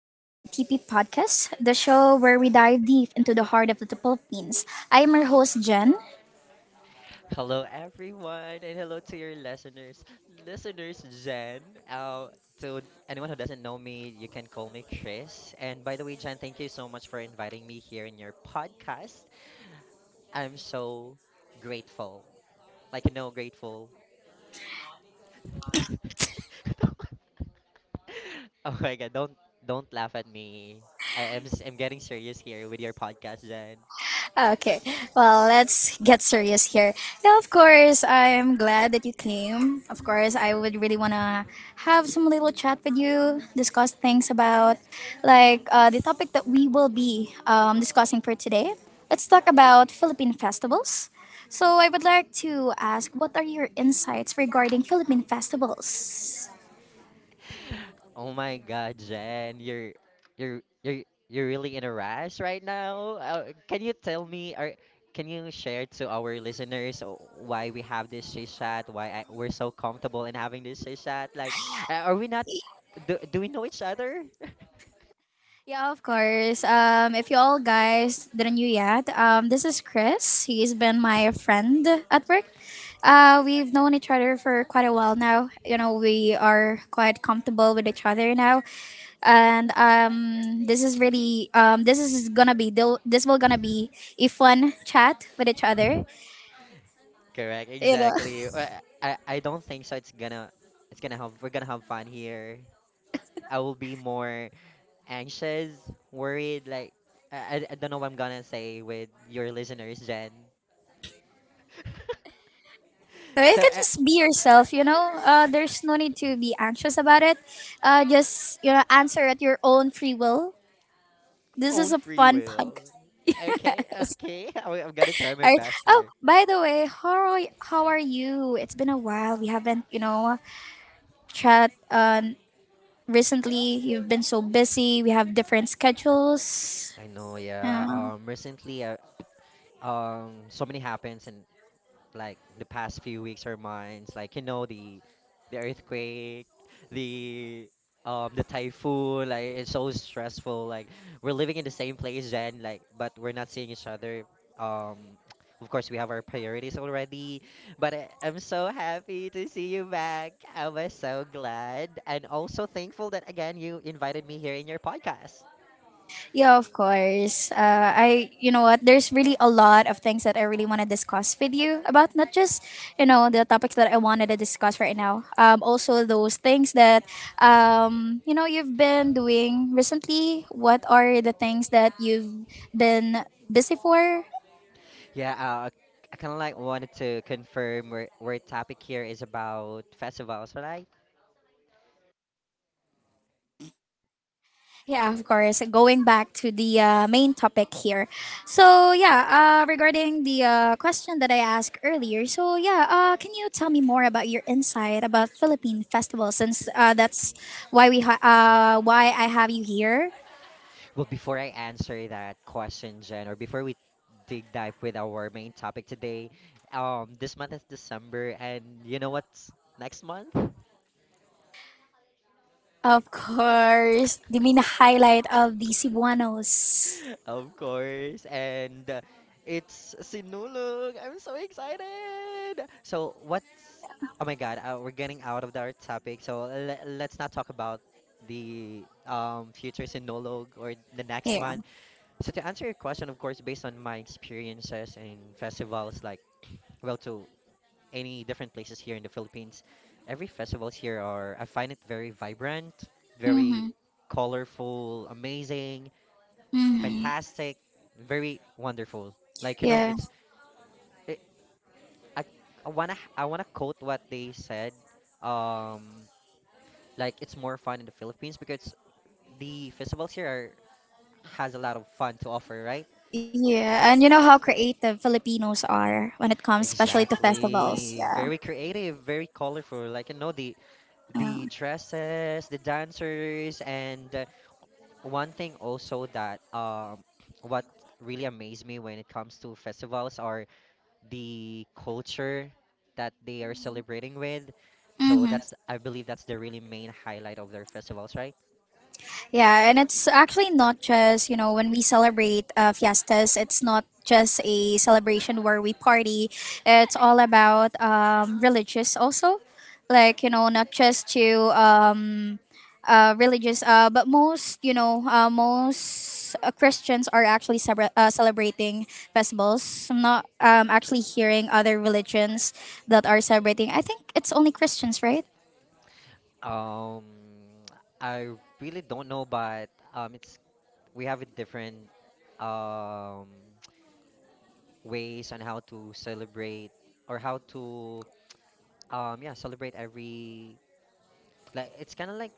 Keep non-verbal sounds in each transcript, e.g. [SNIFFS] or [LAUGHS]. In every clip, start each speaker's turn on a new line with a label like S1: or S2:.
S1: Welcome to TP Podcast, the show where we dive deep into the heart of the Philippines. I am your host, Jen.
S2: Hello, everyone, and hello to your listeners. Listeners, Jen. Uh, to anyone who doesn't know me, you can call me Chris. And by the way, Jen, thank you so much for inviting me here in your podcast. I'm so grateful. Like, you know, grateful. [LAUGHS] Oh my God, don't laugh at me. I'm getting serious here with your podcast, Jen.
S1: Okay, well, let's get serious here. Yeah, of course, I'm glad that you came. Of course, I would really want to have some little chat with you, discuss things about like the topic that we will be discussing for today. Let's talk about Philippine festivals. So, I would like to ask what are your insights regarding Philippine festivals?
S2: Oh my God, Jen, you're you're you're really in a rush right now. Can you tell me or can you share to our listeners why we have this chit chat? Why we're so comfortable in having this chit chat? Like, are we not? Do we know each other? [LAUGHS]
S1: Yeah, of course. If you all guys didn't knew yet, this is Chris. He's been my friend at work. We've known each other for quite a while now. We are quite comfortable with each other now, and this is really this will gonna be a fun chat with each other.
S2: Correct,
S1: You know,
S2: exactly. I don't think so. It's gonna have we're gonna have fun here. I will be more anxious, worried, like I don't know what I'm gonna say with your listeners, Jen.
S1: [LAUGHS]
S2: [LAUGHS]
S1: you
S2: so
S1: can
S2: uh,
S1: just be yourself. There's no need to be anxious about it. Just answer at your own free will. This is
S2: Own
S1: a
S2: free
S1: fun
S2: will.
S1: podcast.
S2: Okay, okay. [LAUGHS] I'm gonna try my
S1: All right.
S2: best
S1: Oh,
S2: here.
S1: by the way, how are you? It's been a while. We haven't, chat recently. You've been so busy. We have different schedules.
S2: I know, yeah.
S1: Yeah.
S2: Recently, so many happens, and like the past few weeks or months, like you know the earthquake, the the typhoon, like it's so stressful. Like we're living in the same place then, like but we're not seeing each other. Um, [TSK] of course we have our priorities already, but I'm so happy to see you back. I was so glad and also thankful that again you invited me here in your podcast.
S1: Yeah, of course. You know what? There's really a lot of things that I really want to discuss with you about, not just, the topics that I wanted to discuss right now. Also those things that, you've been doing recently. What are the things that you've been busy for?
S2: Yeah, I kind of like wanted to confirm where topic here is about festivals, right?
S1: Yeah, of course. Going back to the main topic here. So, yeah, regarding the question that I asked earlier. So, yeah, can you tell me more about your insight about Philippine festivals since that's why why I have you here?
S2: Well, before I answer that question, Jen, or before we dig dive with our main topic today, this month is December, and you know what's next month? [LAUGHS]
S1: Of course, the main highlight of the Cebuanos.
S2: Of course, and it's Sinulog. I'm so excited. So what's? Oh my God, we're getting out of our topic. So let's not talk about the future Sinulog or the next
S1: Yeah.
S2: month. So to answer your question, of course, based on my experiences in festivals, like [CLEARS THROAT] well, to any different places here in the Philippines, every festivals here are I find it very vibrant, very
S1: Mhm.
S2: colorful, amazing,
S1: Mhm.
S2: fantastic, very wonderful. Like you know,
S1: Yeah.
S2: it's it, I I wanna quote what they said. Um, like it's more fun in the Philippines because the festivals here are has a lot of fun to offer, right?
S1: Yeah, and you know how creative Filipinos are when it comes especially to festivals.
S2: Exactly.
S1: Yeah.
S2: Very creative, very colorful. Like you know the
S1: Yeah.
S2: the dresses, the dancers, and one thing also that what really amazed me when it comes to festivals are the culture that they are celebrating with. So
S1: Mhm.
S2: that's I believe that's the really main highlight of their festivals, right?
S1: Yeah, and it's actually not just, when we celebrate fiestas, it's not just a celebration where we party. It's all about religious also. Like, not just to religious, but most Christians are actually celebrating festivals. I'm not actually hearing other religions that are celebrating. I think it's only Christians, right?
S2: Um, I really don't know, but it's we have a different um ways on how to celebrate or how to yeah celebrate every like it's kind of like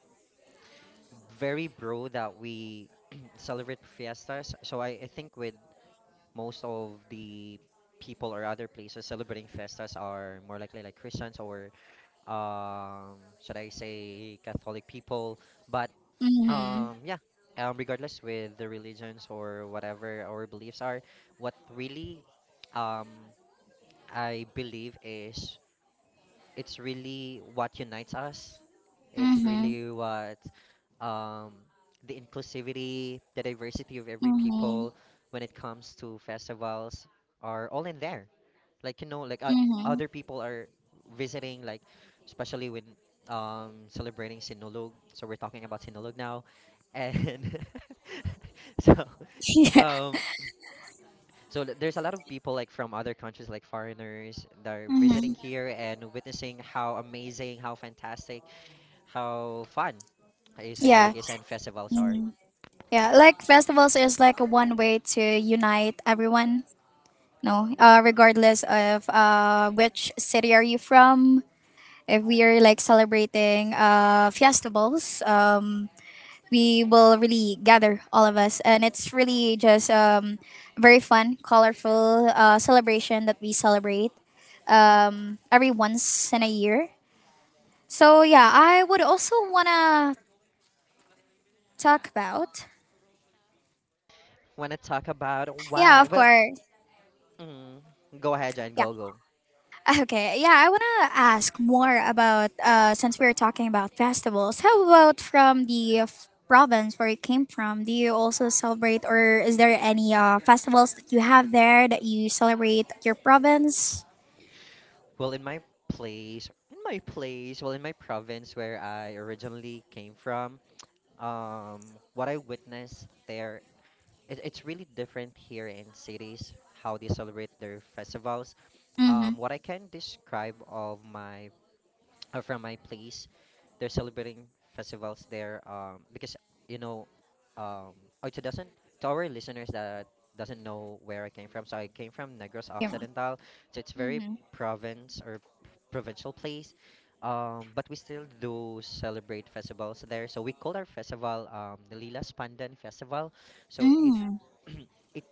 S2: very bro that we [CLEARS THROAT] celebrate fiestas so I think with most of the people or other places celebrating fiestas are more likely like Christians or should I say Catholic people but
S1: Mm-hmm.
S2: yeah regardless with the religions or whatever our beliefs are what really um I believe is it's really what unites us. It's
S1: Mm-hmm.
S2: really what um, the inclusivity, the diversity of every
S1: Mm-hmm.
S2: people when it comes to festivals are all in there. Like you know, like
S1: Mm-hmm.
S2: other people are visiting, like especially when celebrating Sinulog. So we're talking about Sinulog now, and [LAUGHS] so
S1: [LAUGHS] Yeah.
S2: um, so there's a lot of people like from other countries, like foreigners, that are visiting
S1: Mhm.
S2: here and witnessing how amazing, how fantastic, how fun is
S1: Yeah.
S2: Inologis and festivals are.
S1: Mhm. Yeah. Like festivals is like one way to unite everyone. No, regardless of which city are you from, if we are like celebrating festivals, we will really gather all of us, and it's really just very fun, colorful celebration that we celebrate every once in a year. So yeah, I would also wanna talk about.
S2: Want to talk about
S1: Yeah,
S2: what?
S1: of
S2: Well,
S1: course.
S2: mm, go ahead, Jan,
S1: Yeah.
S2: go.
S1: [LAUGHS] Okay. Yeah, I want to ask more about since we are talking about festivals. How about from province where you came from? Do you also celebrate or is there any festivals that you have there that you celebrate at your province?
S2: Well, in my place, well, in my province where I originally came from, what I witnessed there it's really different here in cities how they celebrate their festivals.
S1: Mhm.
S2: What I can describe of my from my place, they're celebrating festivals there because you know, um, oh, to doesn't to our listeners that doesn't know where I came from. So I came from Negros
S1: Yeah.
S2: Occidental, so it's very
S1: Mhm.
S2: provincial place. But we still do celebrate festivals there. So we call our festival the Lilas Pandan Festival. So it
S1: Mm.
S2: [CLEARS THROAT] it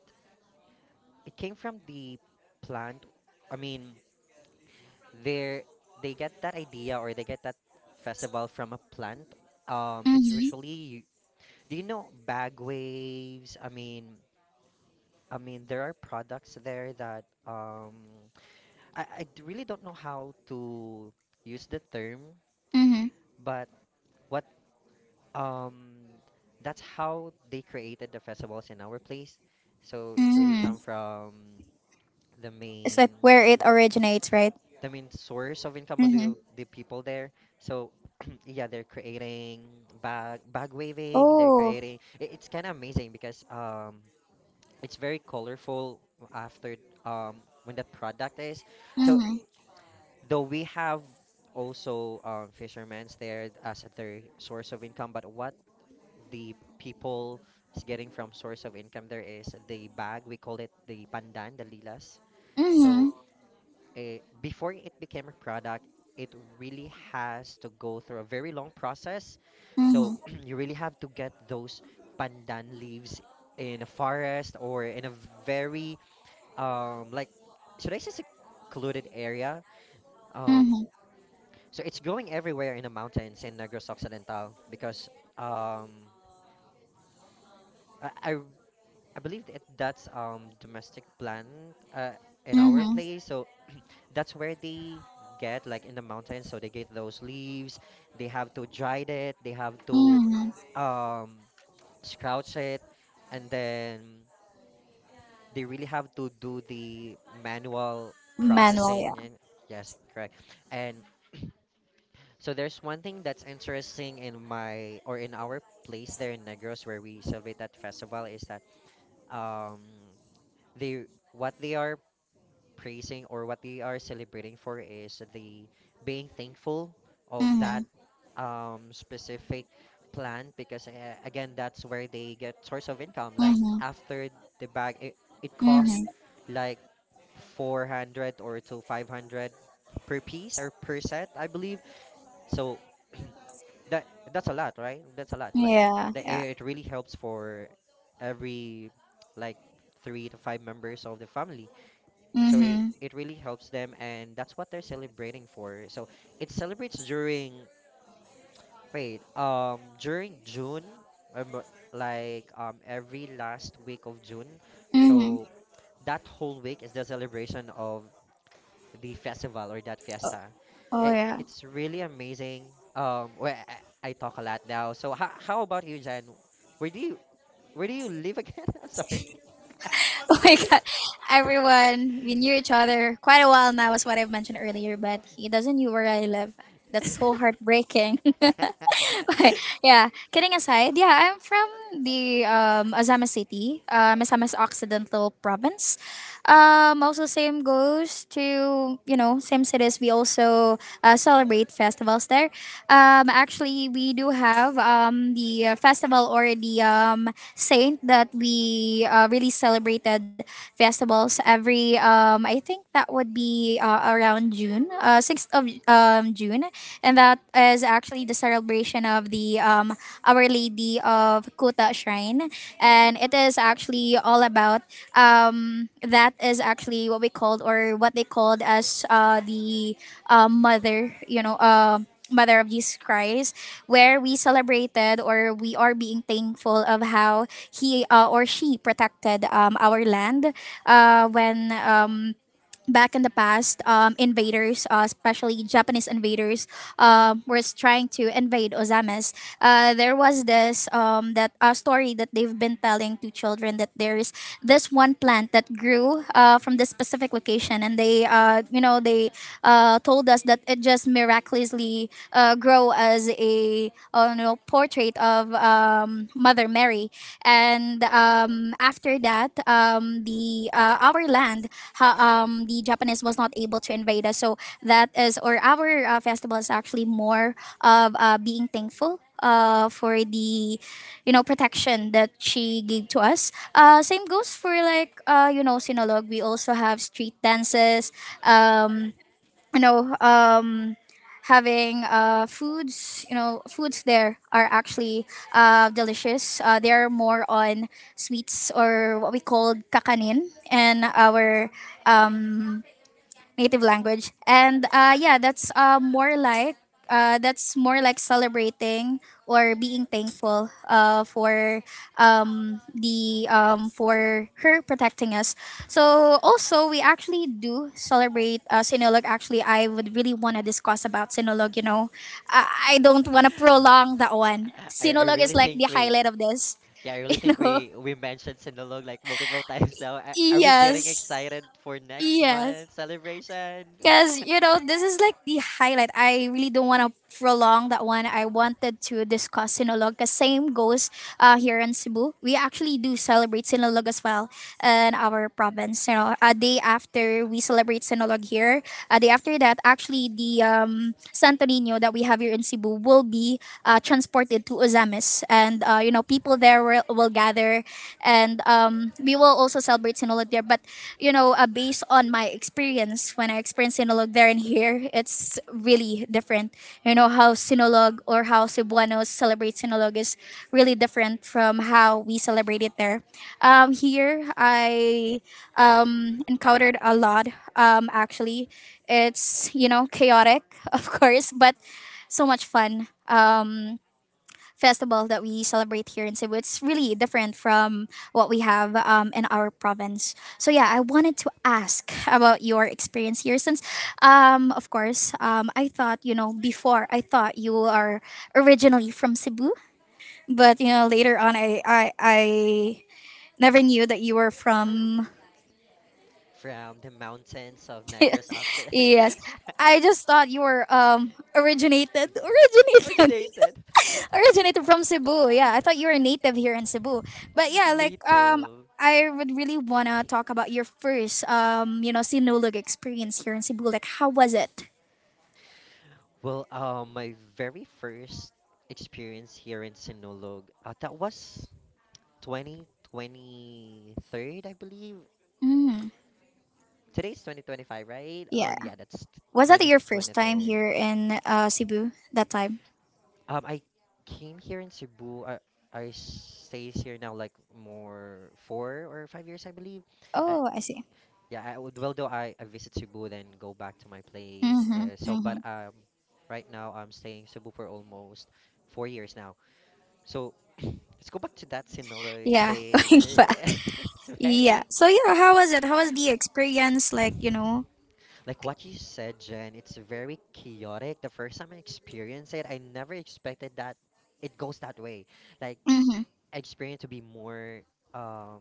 S2: it came from the plant. I mean, they they get that idea or they get that festival from a plant. It's
S1: Mhm.
S2: usually do you know bag waves? I mean there are products there that I really don't know how to use the term,
S1: Mhm.
S2: but what um that's how they created the festivals in our place. So it's really
S1: Mhm.
S2: come from the
S1: It's
S2: main
S1: like where it originates, right?
S2: the main source of income of
S1: Mhm.
S2: the people there. So [CLEARS THROAT] yeah, they're creating bag waving. They're
S1: Oh.
S2: creating. It's kind of amazing because it's very colorful after when that product is. So
S1: Mhm.
S2: though we have also fishermen's there as their source of income, but what the people is getting from source of income there is the bag. We call it the pandan, the lilas. So
S1: Mhm.
S2: before it became a product, it really has to go through a very long process. So
S1: Mhm.
S2: [CLEARS THROAT] you really have to get those pandan leaves in a forest or in a very like should I say secluded area? Um,
S1: Mhm.
S2: so it's growing everywhere in the mountains in Negros Occidental because um I, I I believe that that's domestic plant uh, in our
S1: Mhm.
S2: place. So [CLEARS THROAT] that's where they get like in the mountains. So they get those leaves. They have to dry it. They have to
S1: Mhm.
S2: um scrouch it, and then they really have to do the manual
S1: Manuel,
S2: processing.
S1: yeah.
S2: And yes, correct. And so there's one thing that's interesting in my or in our place there in Negros where we celebrate that festival is that um they what they are praising or what they are celebrating for is the being thankful of that
S1: Mhm.
S2: specific plant because again that's where they get source of income like
S1: Mhm.
S2: after the bag it costs
S1: Mhm.
S2: like 400 or to 500 per piece or per set I believe. So [CLEARS THROAT] that that's a lot, right? That's a lot. Like
S1: Yeah.
S2: the
S1: Yeah.
S2: air, it really helps for every like three to five members of the family. So
S1: Mhm.
S2: it really helps them, and that's what they're celebrating for. So it celebrates during wait during June, um, like every last week of June.
S1: Mhm.
S2: So that whole week is the celebration of the festival or that fiesta.
S1: Oh
S2: Eh,
S1: yeah.
S2: it's really amazing. Well, I talk a lot now. So how about you, Jan? Where do you where do you live again? [LAUGHS] I'm sorry. [LAUGHS]
S1: [LAUGHS] Oh my God. Everyone, we knew each other quite a while now, is what I've mentioned earlier. But he doesn't know where I live. That's so heartbreaking. [LAUGHS] [LAUGHS] Yeah, kidding aside, yeah, I'm from the Azama City, Azamas Occidental Province. Also, same goes to, same cities. We also celebrate festivals there. Actually, we do have the festival or the saint that we really celebrated festivals every, I think that would be around June, 6th of June, and that is actually the celebration of the Our Lady of Kuta Shrine, and it is actually all about that is actually what we called or what they called as the mother. Mother of Jesus Christ, where we celebrated or we are being thankful of how he or she protected our land when back in the past, invaders, especially Japanese invaders, was trying to invade Ozames. There was this that story that they've been telling to children that there is this one plant that grew from this specific location, and they told us that it just miraculously grow as a portrait of. Mother Mary. And after that, the our land, the Japanese was not able to invade us. So or our festival is actually more of being thankful. For the protection that she gave to us same goes for like sinolog, we also have street dances um, you know um having foods, foods there are actually delicious. They are more on sweets or what we call kakanin and our um native language. And yeah, that's more like celebrating or being thankful for the for her protecting us. So also we actually do celebrate Sinulog. Actually, I would really want to discuss about Sinulog. I don't want to prolong that one.
S2: I
S1: Sinulog
S2: really
S1: is like
S2: think
S1: the
S2: we
S1: highlight of this. [LAUGHS]
S2: yeah I really
S1: You
S2: think
S1: know,
S2: we mentioned Sinulog like multiple [LAUGHS] times now. Are we getting
S1: yes,
S2: excited for next
S1: yes.
S2: month's celebration? [LAUGHS]
S1: Because, this is like the highlight. I really don't want to prolong that one. I wanted to discuss Sinulog because same goes here in Cebu. We actually do celebrate Sinulog as well in our province. A day after we celebrate Sinulog here, a day after that, actually the Santo Nino that we have here in Cebu will be transported to Ozamis, and people there will gather, and we will also celebrate Sinulog there. But based on my experience, when I experienced Sinulog there and here, it's really different. You know how Sinulog or how Cebuanos celebrate Sinulog is really different from how we celebrate it there. Here, I encountered a lot. Actually, it's chaotic, [LAUGHS] of course, but so much fun. Festival that we celebrate here in Cebu. It's really different from what we have in our province. So yeah, I wanted to ask [LAUGHS] about your experience here, since, of course, I thought you are originally from Cebu, but later on I never knew that you were from.
S2: From the mountains of Negros Occident. [LAUGHS]
S1: Yes. I just thought you were originated originated
S2: Originated.
S1: [LAUGHS] originated from Cebu. Yeah, I thought you were a native here in Cebu. But yeah,
S2: [LAUGHS]
S1: like
S2: Native.
S1: I would really wanna talk about your first sinulog experience here in Cebu. Like how was it?
S2: Well, my very first experience here in Sinulog, that was 2023, I believe.
S1: Mm,
S2: Today's 2025, right? Oh,
S1: yeah.
S2: yeah,
S1: Was that your first time
S2: 2023.
S1: here in Cebu that time?
S2: I came here in Cebu. I stays here now like more 4 or 5 years, I believe. Uh,
S1: Oh, I see.
S2: Yeah, I would. Well, though I visit Cebu, then go back to my place.
S1: Mm-hmm,
S2: So, but
S1: mm-hmm.
S2: right now I'm staying Cebu for almost 4 years now. So let's go back to that Sinulog
S1: Yeah,
S2: thing.
S1: [LAUGHS] going back.
S2: [LAUGHS] It's very
S1: Yeah. So yeah, how was it? How was the experience? Like, you know?
S2: like what you said, Jen. It's very chaotic. The first time I experienced it, I never expected that it goes that way. Like
S1: Mm-hmm.
S2: I experienced to be more um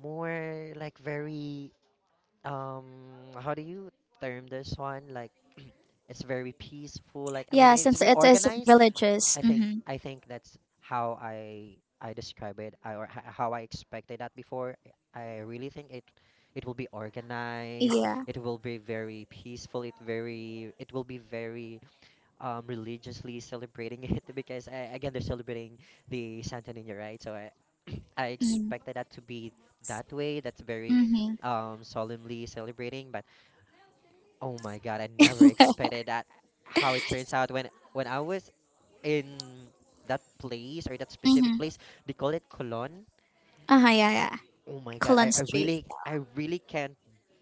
S2: more like very um how do you term this one like it's very peaceful. Like I mean,
S1: Yeah,
S2: it's
S1: since
S2: very
S1: it is
S2: organized.
S1: villages.
S2: I think
S1: Mm-hmm.
S2: I think that's how I describe it, or how I expected that before. I really think it will be organized.
S1: Yeah.
S2: It will be very peaceful. It will be very religiously celebrating it [LAUGHS] because again they're celebrating the Santa Nina, right? So I [CLEARS THROAT] I
S1: Mm-hmm.
S2: expected that to be that way. That's very
S1: Mm-hmm.
S2: solemnly celebrating, but oh my God, I never expected that how it turns out when I was in that place or that specific place, they call it Cologne.
S1: Uh-huh, yeah, yeah.
S2: Oh my God,
S1: Cullen Street.
S2: I really can't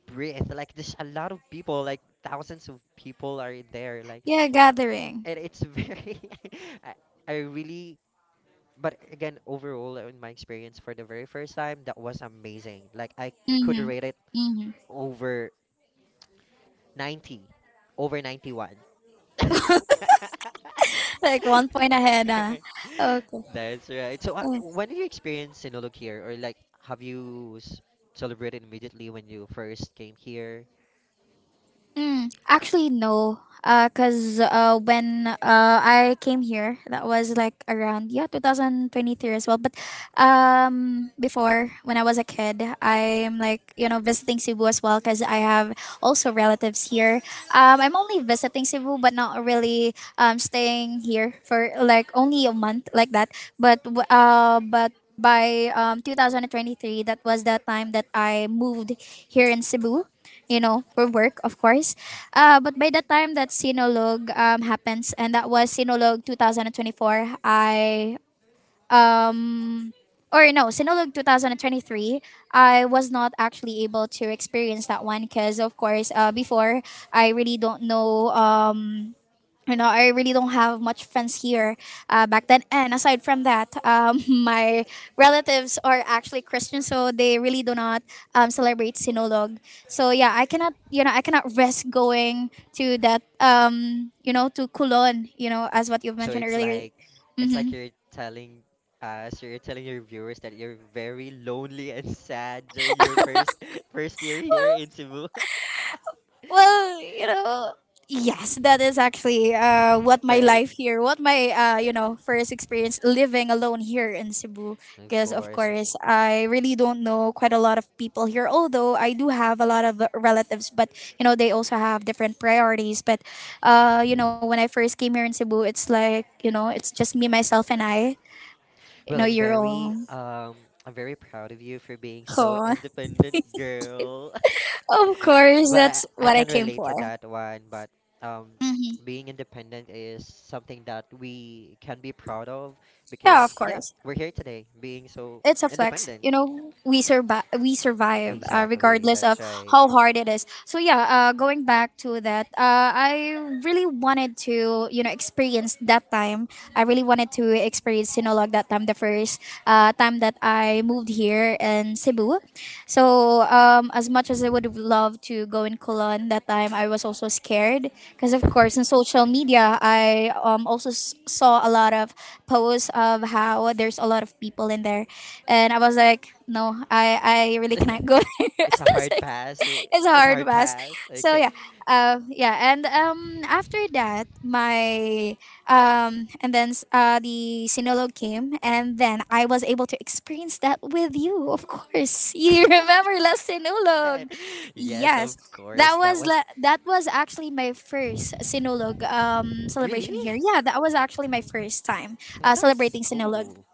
S2: breathe. [LAUGHS] Like there's a lot of people, like thousands of people are there. Like
S1: Yeah, gathering.
S2: and it's very [LAUGHS] I, I really but again overall in my experience for the very first time that was amazing. Like I could
S1: Mm-hmm.
S2: rate it
S1: Mm-hmm.
S2: over 90 over 91. [LAUGHS]
S1: Like 1 point ahead, huh? Okay.
S2: That's right. So,
S1: Mm.
S2: when did you experience Sinulog here, or like, have you celebrated immediately when you first came here?
S1: Mm, actually, no. Cause when I came here, that was like around, yeah, 2023 as well. But before when I was a kid, I'm like visiting Cebu as well, cause I have also relatives here. I'm only visiting Cebu, but not really staying here for like only a month like that. But by 2023, that was the time that I moved here in Cebu, for work, of course. But by the time that Sinulog happens, and that was Sinulog 2024, um, or no, Sinulog 2023, I was not actually able to experience that one because, of course, before, I really don't know. I really don't have much friends here back then. And aside from that, [LAUGHS] my relatives are actually Christian, so they really do not celebrate Sinulog. So yeah, I cannot risk going to Kulon, as what you've
S2: So
S1: mentioned
S2: it's
S1: earlier.
S2: like, it's
S1: Hmm.
S2: like you're telling your viewers that you're very lonely and sad during your first [LAUGHS] first year here in Cebu. [LAUGHS]
S1: Well, yes, that is actually
S2: But.
S1: what my first experience living alone here in Cebu.
S2: Of
S1: Because of
S2: course.
S1: course, I really don't know quite a lot of people here. Although I do have a lot of relatives, but they also have different priorities. But when I first came here in Cebu, it's like it's just me, myself, and I. You
S2: Well,
S1: know
S2: I'm
S1: you're
S2: very
S1: all.
S2: um I'm very proud of you for being so
S1: Oh,
S2: independent, girl.
S1: [LAUGHS] of
S2: [LAUGHS]
S1: course,
S2: But
S1: that's
S2: I
S1: what I
S2: can
S1: came
S2: relate
S1: for.
S2: to that one, but um
S1: Hmm.
S2: being independent is something that we can be proud of
S1: Yeah, of
S2: because yeah,
S1: course.
S2: we're here today being so
S1: It's a flex.
S2: independent.
S1: You know, we survive. We survive
S2: Exactly.
S1: regardless
S2: That's
S1: of
S2: right.
S1: how hard it is. So yeah, going back to that, I really wanted to experience that time. I really wanted to experience Sinulog that time, the first time that I moved here in Cebu. So as much as I would have loved to go in Colon that time, I was also scared because of course in social media I also saw a lot of posts of how there's a lot of people in there, and I was like, no, I really
S2: [LAUGHS]
S1: cannot go there. [LAUGHS]
S2: It's a
S1: It's,
S2: hard
S1: like,
S2: pass.
S1: it's a
S2: It's a
S1: hard
S2: hard
S1: pass.
S2: pass.
S1: So
S2: Okay.
S1: yeah, yeah. And after that, my and then the Sinulog came, and then I was able to experience that with you. Of course, you [LAUGHS] remember La Sinulog?
S2: [LAUGHS] Yes, of
S1: Yes. That
S2: course. That
S1: was
S2: was
S1: that was actually my first Sinulog
S2: really.
S1: celebration here. Yeah, that was actually my first time
S2: That's
S1: celebrating Sinulog.
S2: cool.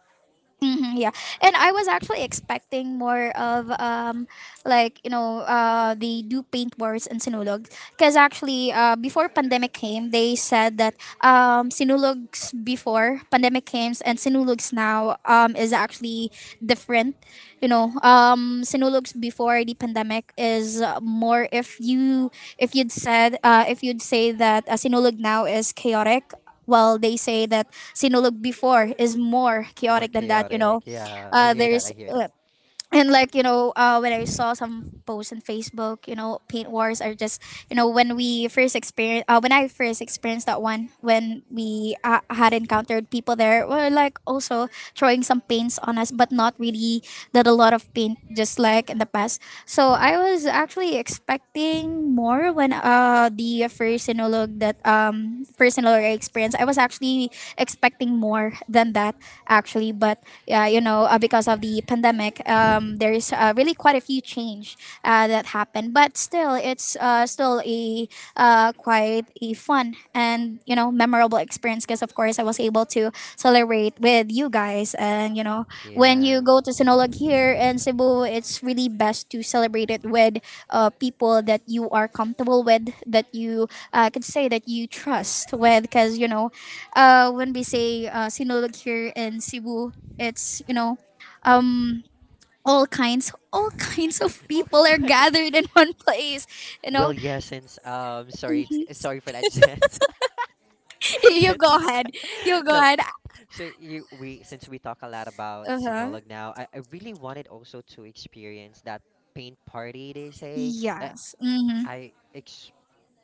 S1: Yeah, and I was actually expecting more of like they do paint wars in Sinulog, because actually, before pandemic came, they said that Sinulog's before pandemic came and Sinulog's now is actually different. You know, Sinulog's before the pandemic is more. If you if you'd said if you'd say that Sinulog now is chaotic, well, they say that Sinulog before is more
S2: More
S1: chaotic than that. You
S2: chaotic.
S1: know,
S2: Yeah, I hear that. I
S1: there's
S2: hear that.
S1: and like when I saw some posts on Facebook, paint wars are just when we first experience when I first experienced that one, when we had encountered people, there were like also throwing some paints on us, but not really that a lot of paint just like in the past. So I was actually expecting more when the first sinologue that first Sinologue I experienced. I was actually expecting more than that actually, but because of the pandemic, there's really quite a few change that happened. But still, it's still a quite a fun and memorable experience, because of course I was able to celebrate with you guys. And when you
S2: Yeah.
S1: go to Sinulog here in Cebu, it's really best to celebrate it with people that you are comfortable with, that you could say that you trust with, because when we say Sinulog here in Cebu, it's um, all kinds, all [LAUGHS] kinds of people are
S2: [LAUGHS]
S1: gathered in [LAUGHS] one place. You
S2: Well,
S1: know.
S2: yeah, since sorry,
S1: Mhm.
S2: sorry for that, Jess. [LAUGHS]
S1: [LAUGHS] You
S2: Yeah,
S1: go ahead, you
S2: [LAUGHS] so,
S1: go ahead.
S2: so you we since we talk a lot about
S1: Uh huh.
S2: Sinolog now, I really wanted also to experience that paint party they say.
S1: Yes. Mhm.
S2: I, I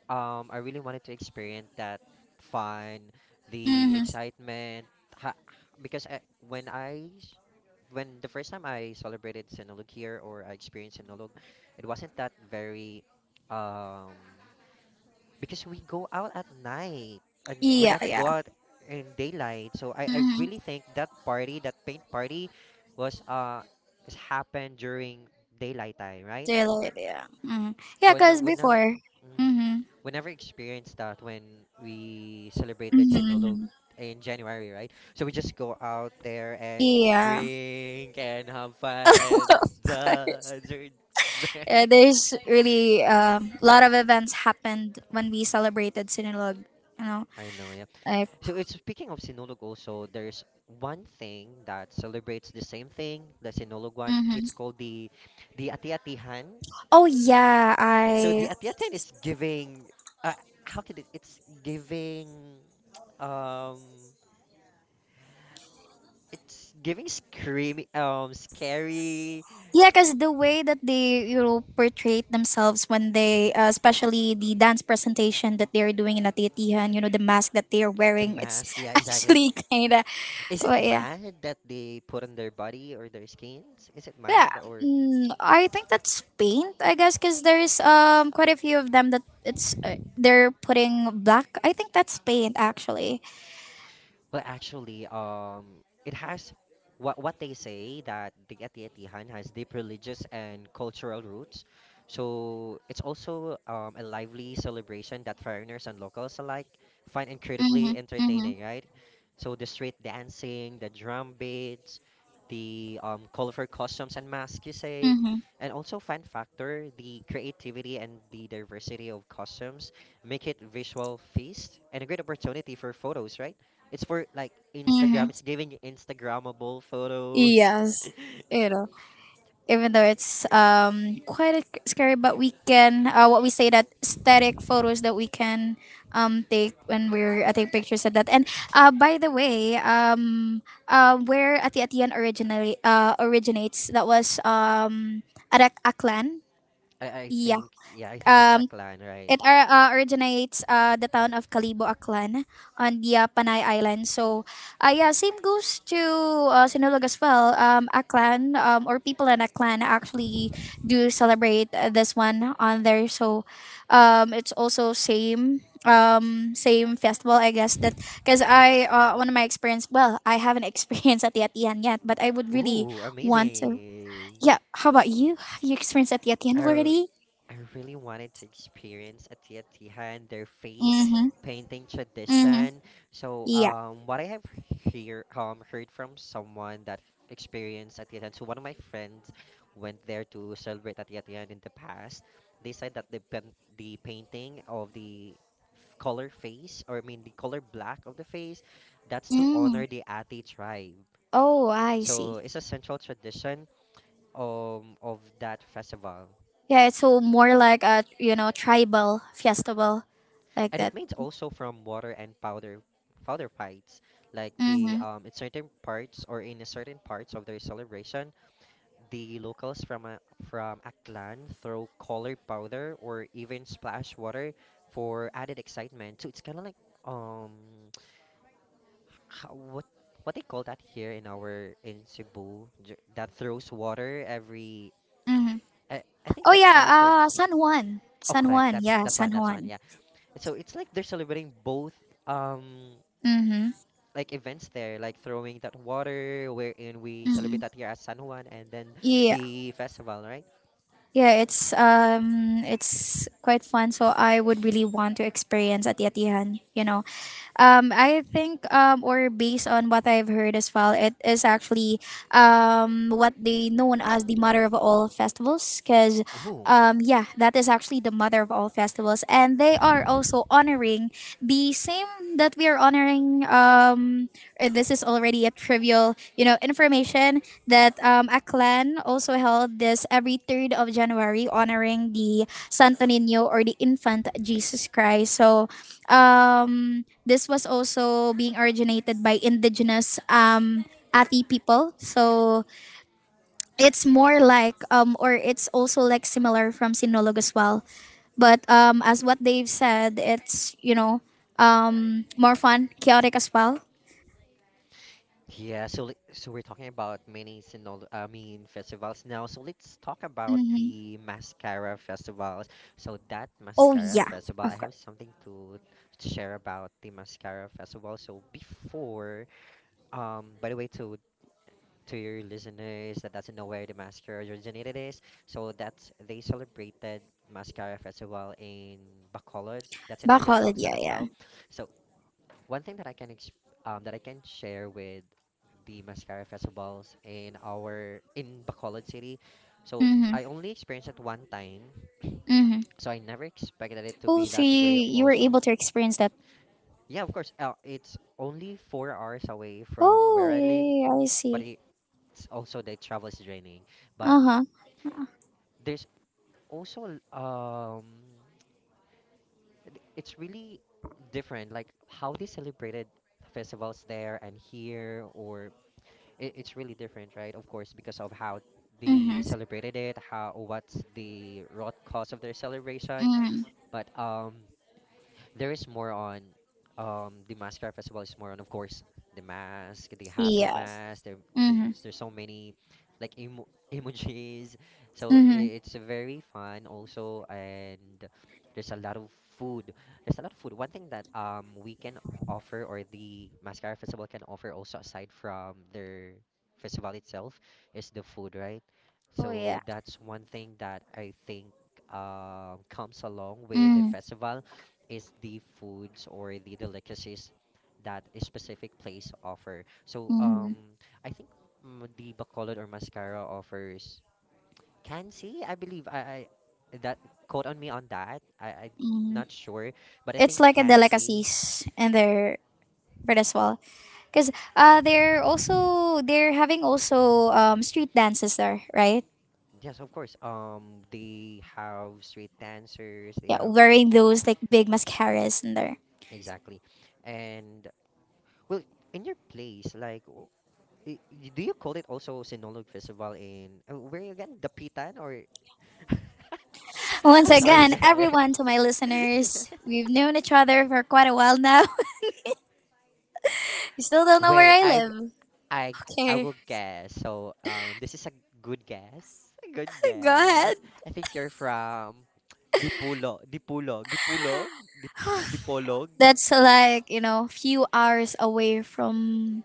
S2: I really wanted to experience that fun, the
S1: Mhm.
S2: excitement, ha because I, when I s- when the first time I celebrated Sinulog here or I experienced Sinulog, it wasn't that very um because we go out at night and we
S1: Yeah.
S2: never
S1: Yeah.
S2: go out in daylight. So I
S1: Mhm.
S2: really think that party, that paint party was is happened during daylight time, right?
S1: Daylight. Yeah. Mhm. Yeah,
S2: So I ne-
S1: cause
S2: would never,
S1: before.
S2: mm,
S1: Mhm.
S2: we never experienced that when we celebrated Sinulog
S1: Mhm.
S2: in January, right? So we just go out there and
S1: Yeah.
S2: drink and have fun and
S1: [LAUGHS]
S2: dance. Or [LAUGHS]
S1: Yeah,
S2: drink.
S1: there's really a lot of events happened when we celebrated Sinulog. You know.
S2: I know, yeah.
S1: Like,
S2: So it's speaking of Sinulog also, there's one thing that celebrates the same thing, the Sinulog one. It's
S1: hmm
S2: called the Ati-Atihan.
S1: oh yeah,
S2: So the
S1: I
S2: Atiatian is giving. Uh, how can it? It's giving. Um, it's giving screamy. Scary.
S1: yeah, cause the way that they portrayed themselves, especially the dance presentation that they're doing in Atiyatihan, the mask that they are
S2: The
S1: wearing, it's [LAUGHS]
S2: mask. Yeah, exactly.
S1: actually kind of —
S2: Is
S1: Oh
S2: it
S1: yeah.
S2: mad that they put on their body or their skins? Is it
S1: Yeah.
S2: mad or?
S1: Mm, I think that's paint, I guess, because there's quite a few of them that it's they're putting black. I think that's paint actually.
S2: Well, actually, it has what they say that the Atiatihan has deep religious and cultural roots. So it's also a lively celebration that foreigners and locals alike find incredibly
S1: Mhm. Mhm.
S2: entertaining, right? So the street dancing, the drum beats, the colorful costumes and masks, you say,
S1: Mhm.
S2: and also fun factor, the creativity and the diversity of costumes make it visual feast and a great opportunity for photos, right? It's for like
S1: Mhm.
S2: Instagram. It's giving you Instagrammable photos.
S1: It Even though it's scary, but we can what we say that static photos that we can take when we're take pictures of that. And by the way, where Ati Atian originally originates, that was at Aklan.
S2: [LAUGHS] I, I
S1: Yeah.
S2: think, yeah, I think it's
S1: um,
S2: Aklan, right?
S1: originates the town of Calibo Aklan on the Panay Island. So, yeah, same goes to Sinulog as well. Aklan, or people in Aklan, actually do celebrate this one on there. So, it's also same festival I guess, that because I one of my experience, well, I haven't [LAUGHS] experienced at the atian yet, but I would
S2: [LAUGHS]
S1: really
S2: Ooh,
S1: want to.
S2: amazing.
S1: Yeah, how about you? Have you experienced at the atian
S2: I
S1: already?
S2: I really wanted to experience a tia tija and their face
S1: Mm-hmm.
S2: painting
S1: Mm-hmm.
S2: tradition. So,
S1: Yeah.
S2: what I have heard from someone that experienced a tia tija, so one of my friends went there to celebrate a tia tija in the past. They said that the the painting of the color face, or I mean the color black of the face, that's to honor
S1: Mm.
S2: the Ati tribe.
S1: Oh, I
S2: So
S1: see.
S2: it's a central tradition of that festival.
S1: Yeah, it's so more like a tribal festival, like
S2: And
S1: that.
S2: it made also from water and powder fights, like the
S1: Mm-hmm.
S2: in certain parts of their celebration the locals from a clan throw colored powder or even splash water for added excitement, so it's kind of like um how, what they call that here in Cebu that throws water every
S1: Mm-hmm.
S2: I think
S1: Oh
S2: that's
S1: yeah,
S2: after.
S1: San Juan,
S2: Oh,
S1: San
S2: correct.
S1: Juan.
S2: That's
S1: Yeah,
S2: that's
S1: San
S2: one. That's one.
S1: Juan.
S2: Yeah. So it's like they're celebrating both um
S1: Mm-hmm.
S2: like events there, like throwing that water, wherein we
S1: Mm-hmm.
S2: celebrate that here at San Juan, and then
S1: Yeah,
S2: the festival, right?
S1: yeah. It's quite fun. So I would really want to experience at Yatihan. You know. I think, or based on what I've heard as well, it is actually what they known as the mother of all festivals. Because,
S2: Ooh.
S1: yeah, that is actually the mother of all festivals, and they are also honoring the same that we are honoring. This is already a trivial, information that Aklan also held this every January 3rd, honoring the Santo Niño or the infant Jesus Christ. So this was also being originated by indigenous Ati people. So it's more like, or it's also like similar from Sinolog as well. But as what they've said, it's, more fun, chaotic as well.
S2: Yeah, so so we're talking about many sinol I mean festivals now. So let's talk about
S1: Mm-hmm.
S2: the mascara festivals. So that
S1: Oh,
S2: mascara
S1: yeah,
S2: festival, I
S1: of course.
S2: have something to share about the mascara festival. So before, by the way, to your listeners that doesn't know where the mascara originated is. So that's they celebrated Mascara Festival in Bacolod. That's in Negros
S1: Bacolod, yeah, yeah.
S2: Occidental. So one thing that I can exp that I can share with the mascara festivals in Bacolod City. So
S1: Mm-hmm.
S2: I only experienced it one time,
S1: Mm-hmm.
S2: so I never expected it to
S1: Oh,
S2: be
S1: so
S2: that
S1: you,
S2: way
S1: you were
S2: also.
S1: able to experience that.
S2: Yeah, of course. It's only 4 hours away from where
S1: Oh,
S2: I
S1: yeah,
S2: live,
S1: yeah, yeah, I
S2: but
S1: see.
S2: it's also the travel is draining. But
S1: Uh-huh.
S2: there's also it's really different, like how they celebrated festivals there and here, or it's really different, right? Of course, because of how
S1: Mm-hmm.
S2: they celebrated it, how what's the root cause of their celebration,
S1: Mm-hmm.
S2: but there is more on the mascara festival is more on, of course, the mask, the happy
S1: Yeah.
S2: mask there, the,
S1: Mm-hmm.
S2: there's so many like [LAUGHS] emojis, so
S1: Mm-hmm.
S2: it's very fun also, and there's a lot of food. There's a lot of food, one thing that we can offer or the mascara festival can offer also, aside from their festival itself, is the food, right?
S1: Oh
S2: So
S1: yeah.
S2: that's one thing that I think comes along with the
S1: Mm.
S2: festival is the foods or the delicacies that a specific place offer. So
S1: Hmm.
S2: I think the Bacolod or Mascara offers Kansi, I believe. I that, quote on me on that. I
S1: Hmm.
S2: not sure, but I
S1: It's
S2: think
S1: like a
S2: Kansi.
S1: delicacies in their but as well. Because they're also they're having also street dances there, right?
S2: Yes, of course. They have street dancers. They
S1: Yeah,
S2: have
S1: wearing those like big mascaras in there.
S2: Exactly, and well, in your place, like, do you call it also Sinulog Festival in where again? Dapitan or [LAUGHS]
S1: [LAUGHS] Once
S2: I'm sorry,
S1: again,
S2: Jen.
S1: everyone, to my listeners, we've known each other for quite a while now. [LAUGHS] You still
S2: [LAUGHS]
S1: don't know where
S2: Wait,
S1: I live.
S2: I I
S1: Okay,
S2: will guess. So, this is a good guess. A good
S1: [LAUGHS] go
S2: guess.
S1: ahead.
S2: I think you're from Dipulo, Dipulog, Dipulog, Dip, Dipolog.
S1: That's like few hours away from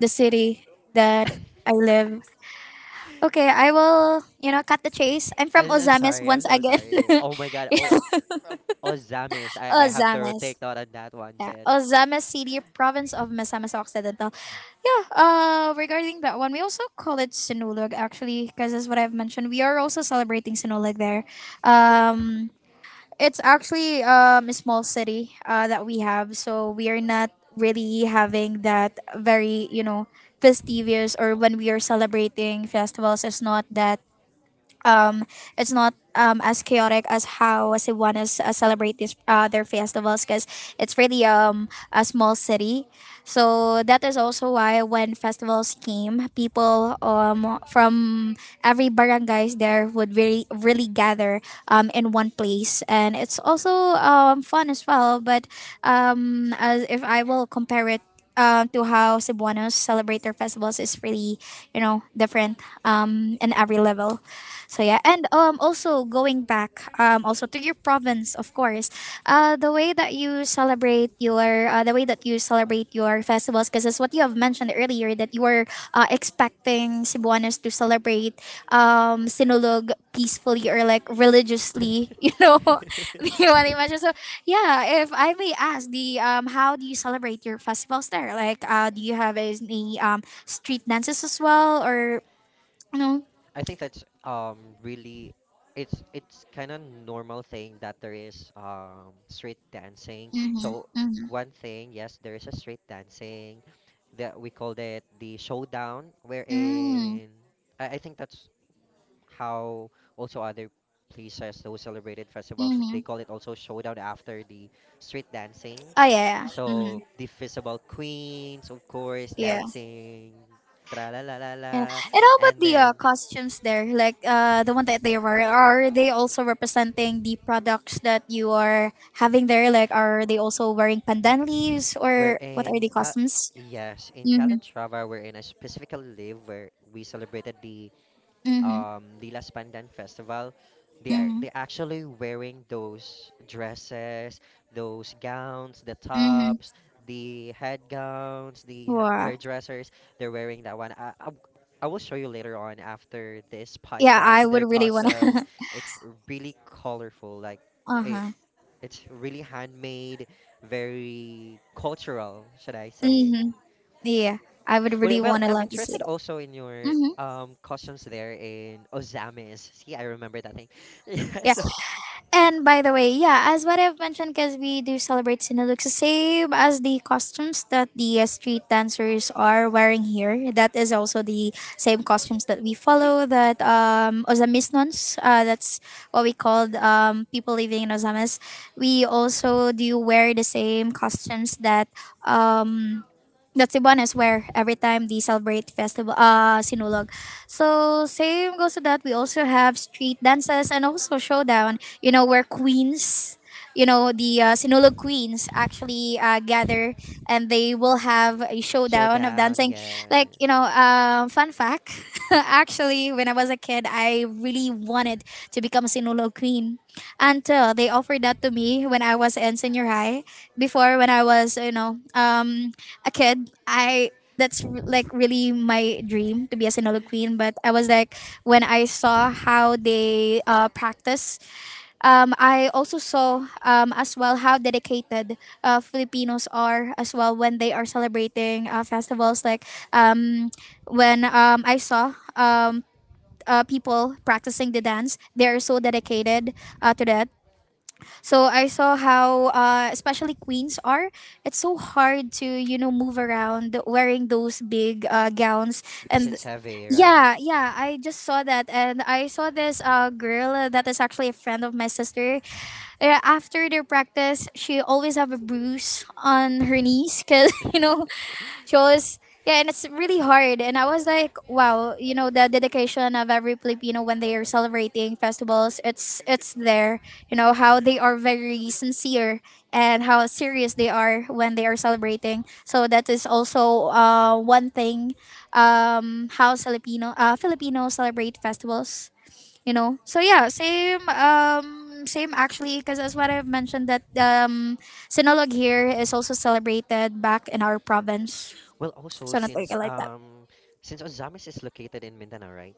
S1: the city that I live. Okay, I will, cut the chase. I'm from
S2: I'm
S1: Ozames
S2: sorry. I'm
S1: once
S2: so
S1: again.
S2: sorry.
S1: [LAUGHS]
S2: Oh my god. Oh, it's from Ozamis. I have to
S1: Ozames.
S2: take note on that one,
S1: Yeah,
S2: Chen.
S1: Ozames City, province of Misamis Occidental. Yeah, regarding that one, we also call it Sinulog, actually, because that's what I've mentioned. We are also celebrating Sinulog there. Um, it's actually a small city that we have, so we are not really having that very, festivious or when we are celebrating festivals. It's not that um, it's not as chaotic as how Cebuanos celebrate this, their festivals, because it's really a small city. So that is also why when festivals came, people from every barangays there would really, really gather in one place. And it's also fun as well. But as if I will compare it to how Cebuanos celebrate their festivals, is really, different in every level. So yeah, and also going back also to your province, of course, the way that you celebrate your festivals, because that's what you have mentioned earlier, that you were expecting Cebuanos to celebrate Sinulog peacefully or like religiously, [LAUGHS] [LAUGHS] you want to mention. So
S2: [LAUGHS]
S1: yeah, if I may ask, the how do you celebrate your festivals there? Like, do you have any street dances as well, or no?
S2: I think that's really it's kind of normal thing that there is street dancing. So
S1: Mm-hmm.
S2: one thing, yes, there is a street dancing that we called it the showdown,
S1: Mm,
S2: wherein I think that's how also other places those celebrated festivals
S1: mm-hmm.
S2: they call it also showdown after the street dancing,
S1: Oh yeah, yeah. Mm-hmm.
S2: so the festival queens, of course,
S1: Yeah, yeah.
S2: dancing tra la la la la,
S1: And, and how about
S2: and
S1: the
S2: then
S1: costumes there? Like, the one that they wear, are they also representing the products that you are having there? Like, are they also wearing pandan leaves
S2: we're
S1: or what are
S2: in
S1: the costumes?
S2: Yes, in
S1: Mm-hmm.
S2: Calatrava, we're in a specific live where we celebrated the
S1: Mm-hmm.
S2: Lilas Pandan Festival.
S1: Mm-hmm.
S2: They actually wearing those dresses, those gowns, the
S1: Mm-hmm.
S2: tops, the head gowns, the
S1: Wow.
S2: hairdressers. They're wearing that one. I will show you later on after this
S1: Yeah, I
S2: podcast. Their
S1: would really wanna.
S2: costumes,
S1: [LAUGHS]
S2: it's really colorful. Like
S1: Uh
S2: it,
S1: huh.
S2: it's really handmade, very cultural, should I say?
S1: Mm-hmm. Yeah, I would
S2: Well,
S1: really
S2: well,
S1: wanna
S2: I'm
S1: love to see
S2: interested
S1: that.
S2: also in your
S1: Mm-hmm.
S2: costumes there in Ozamis. See, I remember that thing. [LAUGHS] Yeah,
S1: Yeah.
S2: so
S1: And by the way, yeah, as what I've mentioned, because we do celebrate Sinulog, the same as the costumes that the street dancers are wearing here. That is also the same costumes that we follow. That Ozamisnons, that's what we called people living in Ozamis. We also do wear the same costumes um, that's the one as where every time the celebrate festival sinulog. So same goes to that. We also have street dances and also showdown. You know, where queens, the sinulog queens actually gather, and they will have a showdown of
S2: showdown,
S1: dancing.
S2: yeah,
S1: Like, fun fact. [LAUGHS] Actually, when I was a kid, I really wanted to become a sinulog queen until they offered that to me when I was in senior high. Before, when I was a kid, I that's like really my dream to be a Sinolo queen. But I was like, when I saw how they practice, I also saw as well how dedicated Filipinos are as well when they are celebrating festivals. Like um, when I saw people practicing the dance, they are so dedicated to that. So I saw how, especially queens are. It's so hard to move around wearing those big gowns.
S2: because
S1: And
S2: it's heavy, right?
S1: yeah, yeah, I just saw that, and I saw this girl that is actually a friend of my sister. After their practice, she always have a bruise on her knees because [LAUGHS] you
S2: [LAUGHS]
S1: know shows. Yeah, and it's really hard. And I was like, wow, the dedication of every Filipino when they are celebrating festivals, it's there. How they are very sincere and how serious they are when they are celebrating. So that is also one thing how Filipinos celebrate festivals. So yeah, same actually, because as what I've mentioned that Sinulog here is also celebrated back in our province.
S2: Well, also
S1: So not
S2: since
S1: working like that.
S2: um since Ozamis is located in Mindanao, right?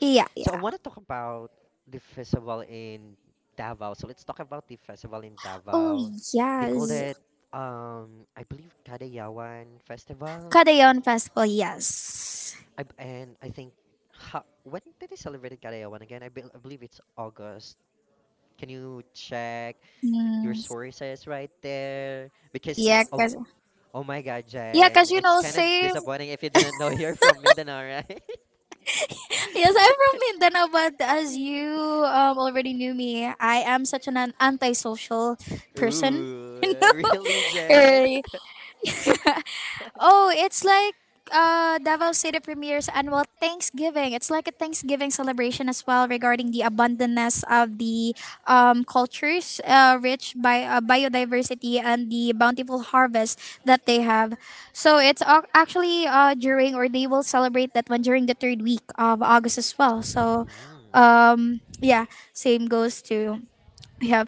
S1: Yeah,
S2: So I want
S1: yeah.
S2: to talk about the festival in Davao. So let's talk about the festival in
S1: Oh
S2: Davao. They called
S1: yes,
S2: it, I believe, Kadayawan Festival.
S1: Kadayon Festival. Yes.
S2: And I think, when did they celebrate Kadayawan again? I believe it's August. Can you check your
S1: Mm,
S2: sources right there? Because
S1: yeah,
S2: oh,
S1: cause
S2: oh my God,
S1: yeah,
S2: Jen,
S1: cause
S2: it's kind of
S1: same.
S2: disappointing if you didn't know [LAUGHS] you're from Mindanao, right?
S1: Yes, I'm from Mindanao, but as you already knew me, I am such an antisocial
S2: [LAUGHS]
S1: person.
S2: Ooh, really, Jen?
S1: Eh. Oh,
S2: [LAUGHS]
S1: it's like Davao City Premier's annual Thanksgiving. It's like a Thanksgiving celebration as well regarding the abundance of the cultures, rich by biodiversity and the bountiful harvest that they have. So it's actually during or they will celebrate that one during the third week of August as well. So
S2: Hmm.
S1: yeah, same goes to yeah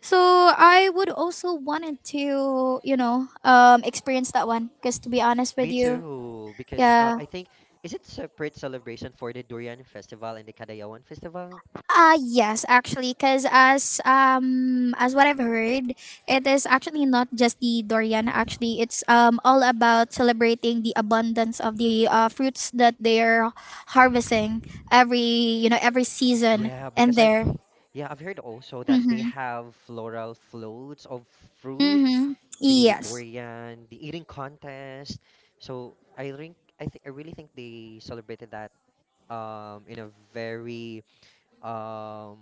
S1: so I would also wanted to, experience that one. Cause to be honest with
S2: Me
S1: you,
S2: too, because
S1: yeah,
S2: I think, is it separate celebration for the Durian Festival and the Kadayawan Festival?
S1: yes, actually, cause as what I've heard, it is actually not just the durian. Actually, it's all about celebrating the abundance of the fruits that they're harvesting every you know every season
S2: Yeah,
S1: and
S2: because
S1: there.
S2: yeah, I've heard also that they
S1: Mm-hmm.
S2: have floral floats of fruits,
S1: Mm-hmm.
S2: the
S1: Yes.
S2: durian, the eating contest. So I really think they celebrated that in a very um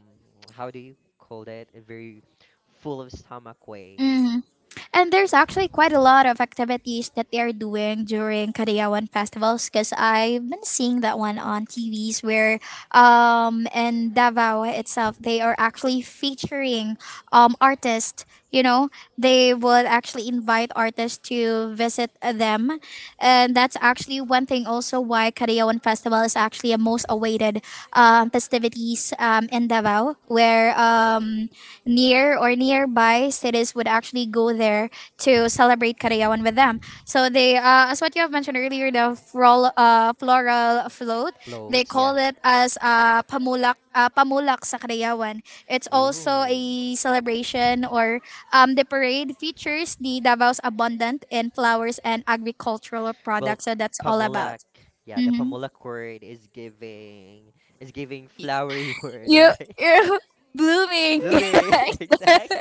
S2: [TSK] how do you call that? A very full of stomach way.
S1: Mm-hmm. And there's actually quite a lot of activities that they are doing during Kadayawan festivals because I've been seeing that one on TVs where in Davao itself they are actually featuring artists, they would actually invite artists to visit them. And that's actually one thing also why Kadayawan Festival is actually a most awaited festivities in Davao where near or nearby cities would actually go there to celebrate Karayawan with them. So they, as what you have mentioned earlier, the floral float, they call it as pamulak sa Karayawan. It's also a celebration or the parade features the Davao's abundant in flowers and agricultural products. So that's all
S2: Pamulak.
S1: about.
S2: Yeah, the
S1: Mm-hmm.
S2: pamulak word is giving flowery word,
S1: You,
S2: right?
S1: you're [LAUGHS] blooming.
S2: [LAUGHS] Blooming, [LAUGHS] [LAUGHS]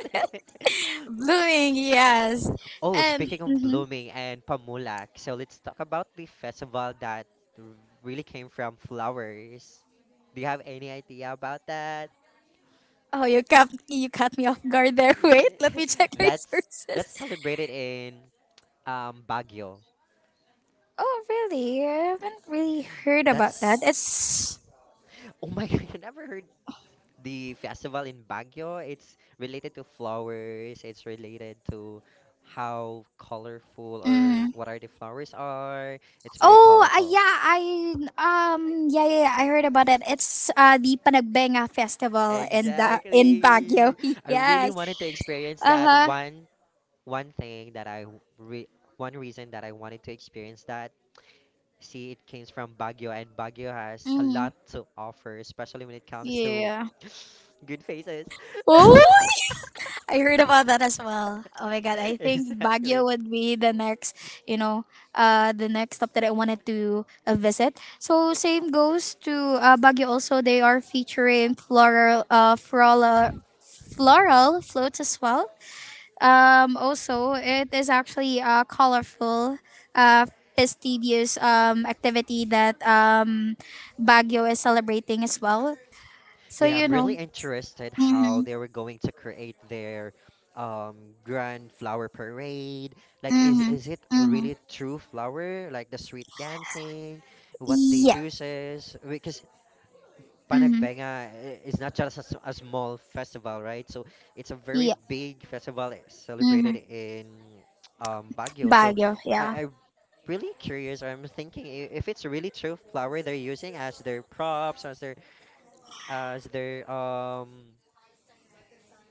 S1: [LAUGHS] Blooming, yes.
S2: Oh,
S1: And
S2: speaking of
S1: mhm.
S2: blooming and Pamulak, so let's talk about the festival that r- really came from flowers. Do you have any idea about that?
S1: Oh, you cut me off guard there. [LAUGHS] Wait, let me check
S2: [LAUGHS]
S1: the
S2: That's
S1: resources.
S2: that's celebrated in Baguio.
S1: Oh, really? I haven't really heard about that.
S2: That's
S1: It's
S2: Oh my [LAUGHS] god, you never heard the festival in Baguio? It's related to flowers, it's related to how colorful or
S1: mm.
S2: what are the flowers are. It's very
S1: oh
S2: colorful.
S1: Yeah, I yeah, yeah yeah I heard about it. It's the Panagbenga festival in
S2: Exactly.
S1: Baguio. [LAUGHS]
S2: I really
S1: Yes.
S2: wanted to experience
S1: Uh
S2: that
S1: huh.
S2: one, one thing that I re one reason that I wanted to experience that. See, it came from Baguio, and Baguio has a
S1: Mm.
S2: lot to offer, especially when it comes to
S1: Yeah.
S2: [GASPS] [SNIFFS] good faces. [LAUGHS]
S1: Oh, I heard about that as well. Oh my god, I think Baguio
S2: Exactly.
S1: would be the next, you know, the next stop that I wanted to visit. So same goes to Baguio. Also, they are featuring floral floats as well. Also, it is actually a colorful, uh, fastidious activity that Baguio is celebrating as well. So
S2: Yeah,
S1: you
S2: I'm really
S1: know.
S2: interested how
S1: Mm-hmm,
S2: they were going to create their um, grand flower parade. Like, is
S1: mm-hmm,
S2: is it a
S1: mm-hmm.
S2: really true flower? Like the street dancing, what they
S1: Yeah.
S2: uses? Because
S1: Mm-hmm.
S2: Panagbenga is not just a small festival, right? So it's a very
S1: Yeah.
S2: big festival,
S1: Mm-hmm.
S2: celebrated in [TSK] Baguio. So
S1: Baguio,
S2: I,
S1: yeah.
S2: I am really curious. I'm thinking if it's really true flower they're using as their props, as their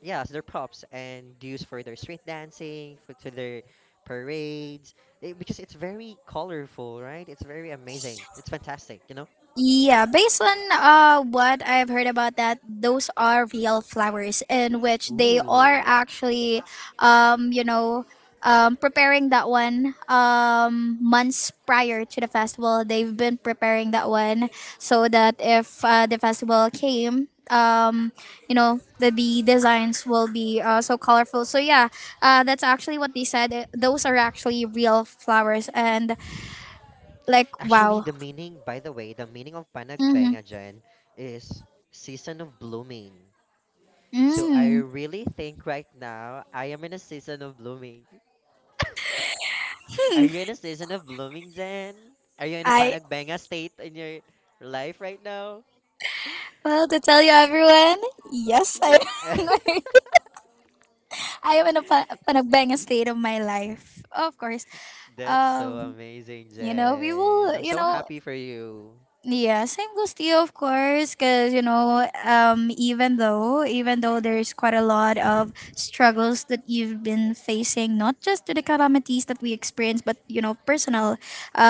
S2: yeah, as their props and used for their street dancing, for to their parades, because it's very colorful, right? It's very amazing. It's fantastic, you know?
S1: Yeah, based on what I've heard about that, those are real flowers in which they are
S2: Ooh.
S1: actually um, you know, preparing that one months prior to the festival. They've been preparing that one so that if the festival came the designs will be so colorful so yeah that's actually what they said. Those are actually real flowers and like
S2: Actually,
S1: wow.
S2: the meaning, by the way, the meaning of
S1: Mm-hmm.
S2: Panagbenga, Jen, is season of blooming. So I
S1: Mm.
S2: really think right now I am in a season of blooming. Are
S1: Hmm,
S2: you in a season of blooming, Jen? Are you in a
S1: I
S2: panagbenga state in your life right now?
S1: Well, to tell you everyone, yes, I
S2: Yeah. [LAUGHS]
S1: [LAUGHS] I am in a panagbenga state of my life. Of course.
S2: That's so
S1: Um,
S2: amazing,
S1: you know, we
S2: Jen.
S1: will,
S2: I'm
S1: you
S2: so
S1: know,
S2: happy for you.
S1: Yeah, same goes to you, of course, because even though there's quite a lot of struggles that you've been facing, not just to the calamities that we experience, but personal,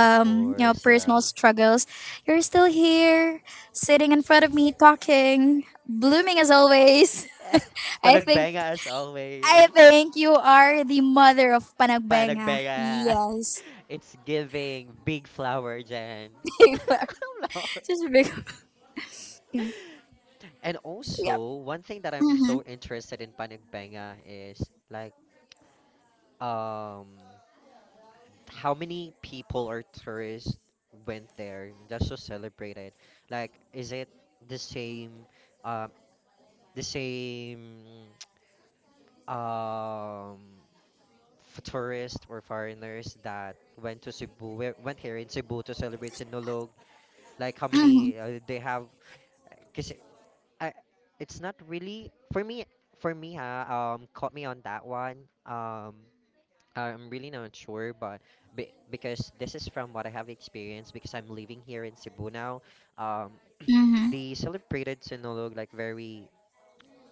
S2: Of
S1: you know,
S2: course,
S1: personal
S2: yeah.
S1: struggles. You're still here, sitting in front of me, talking, blooming as always.
S2: [LAUGHS]
S1: [LAUGHS] I think
S2: Panagbenga as always.
S1: I think you are the mother of panagbenga.
S2: Panagbenga. [LAUGHS]
S1: Yes,
S2: It's giving big flower, Jen.
S1: [LAUGHS] you are.
S2: [LAUGHS] Lol.
S1: Just a big. [LAUGHS] Yeah.
S2: And
S1: Yep.
S2: also, one thing that I'm
S1: Mhm.
S2: so interested in panagbenga is like um how many people or tourists went there just to celebrate it? Like, is it the same, um, the same, [TSK] um, tourists or foreigners that went to Cebu, went here in Cebu to celebrate Sinulog? Like, how
S1: Mhm.
S2: many they have? Because I, it's not really for me. For me, ha, caught me on that one. I'm really not sure, but be because this is from what I have experienced, because I'm living here in Cebu now, um,
S1: Mhm.
S2: they celebrated Sinulog like very,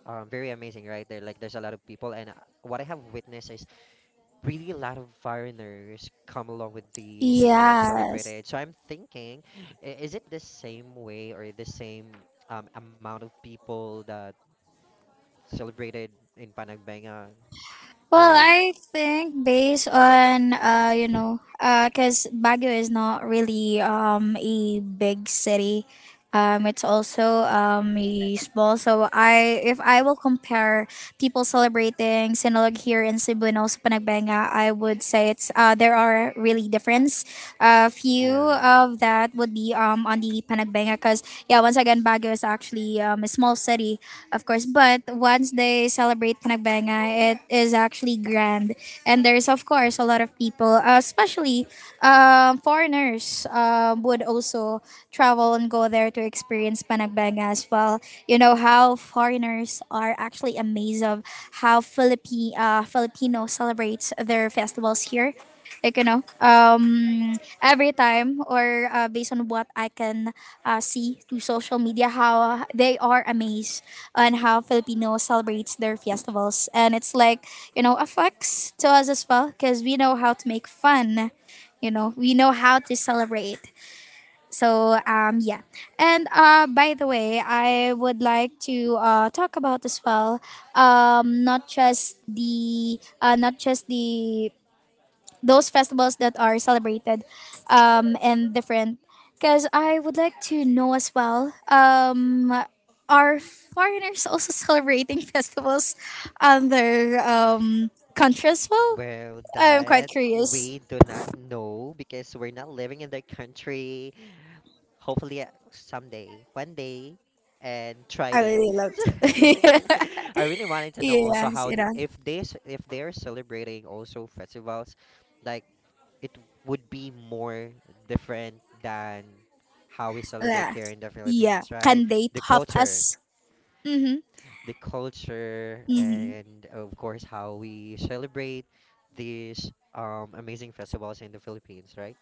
S2: very amazing, right? There, like there's a lot of people, and what I have witnessed is really a lot of foreigners come along with the Sinulog
S1: Yes.
S2: celebrated. So I'm thinking, is it the same way or the same amount of people that celebrated in Panagbenga,
S1: Well,
S2: or
S1: I think based on cause Baguio is not really a big city. It's also a small. So if I will compare people celebrating Sinulog here in Cebu and also Panagbenga, I would say it's there are really difference. A
S2: yeah?
S1: few of that would be on the Panagbenga, cause yeah, once again, Baguio is actually a small city of course. But once they celebrate Panagbenga, it is actually grand. And there's, of course, a lot of people, especially foreigners, would also travel and go there to experience Panagbenga as well. You know how foreigners are actually amazed of how Filipino celebrates their festivals here like every time or based on what I can see through social media how they are amazed on how Filipinos celebrates their festivals, and it's like affects to us as well because we know how to make fun. We know how to celebrate so yeah. And by the way I would like to talk about as well not just the not just the those festivals that are celebrated and different. Because I would like to know as well, are foreigners also [LAUGHS] celebrating festivals on their country as well?
S2: Well,
S1: I'm quite
S2: that
S1: curious.
S2: we do not know because we're not living in their country. Hopefully, someday, one day, and try
S1: I
S2: day.
S1: really love to.
S2: [LAUGHS] I really wanted
S1: [LAUGHS]
S2: to know also
S1: Yes,
S2: how
S1: you know.
S2: if this if they're celebrating also festivals, like it would be more different than how we celebrate
S1: Yeah.
S2: here in the
S1: Yeah.
S2: Philippines, right?
S1: Can they
S2: The
S1: top
S2: culture
S1: us? Mm-hmm.
S2: the culture,
S1: Mm-hmm.
S2: and of course, how we celebrate these amazing festivals in the Philippines, right?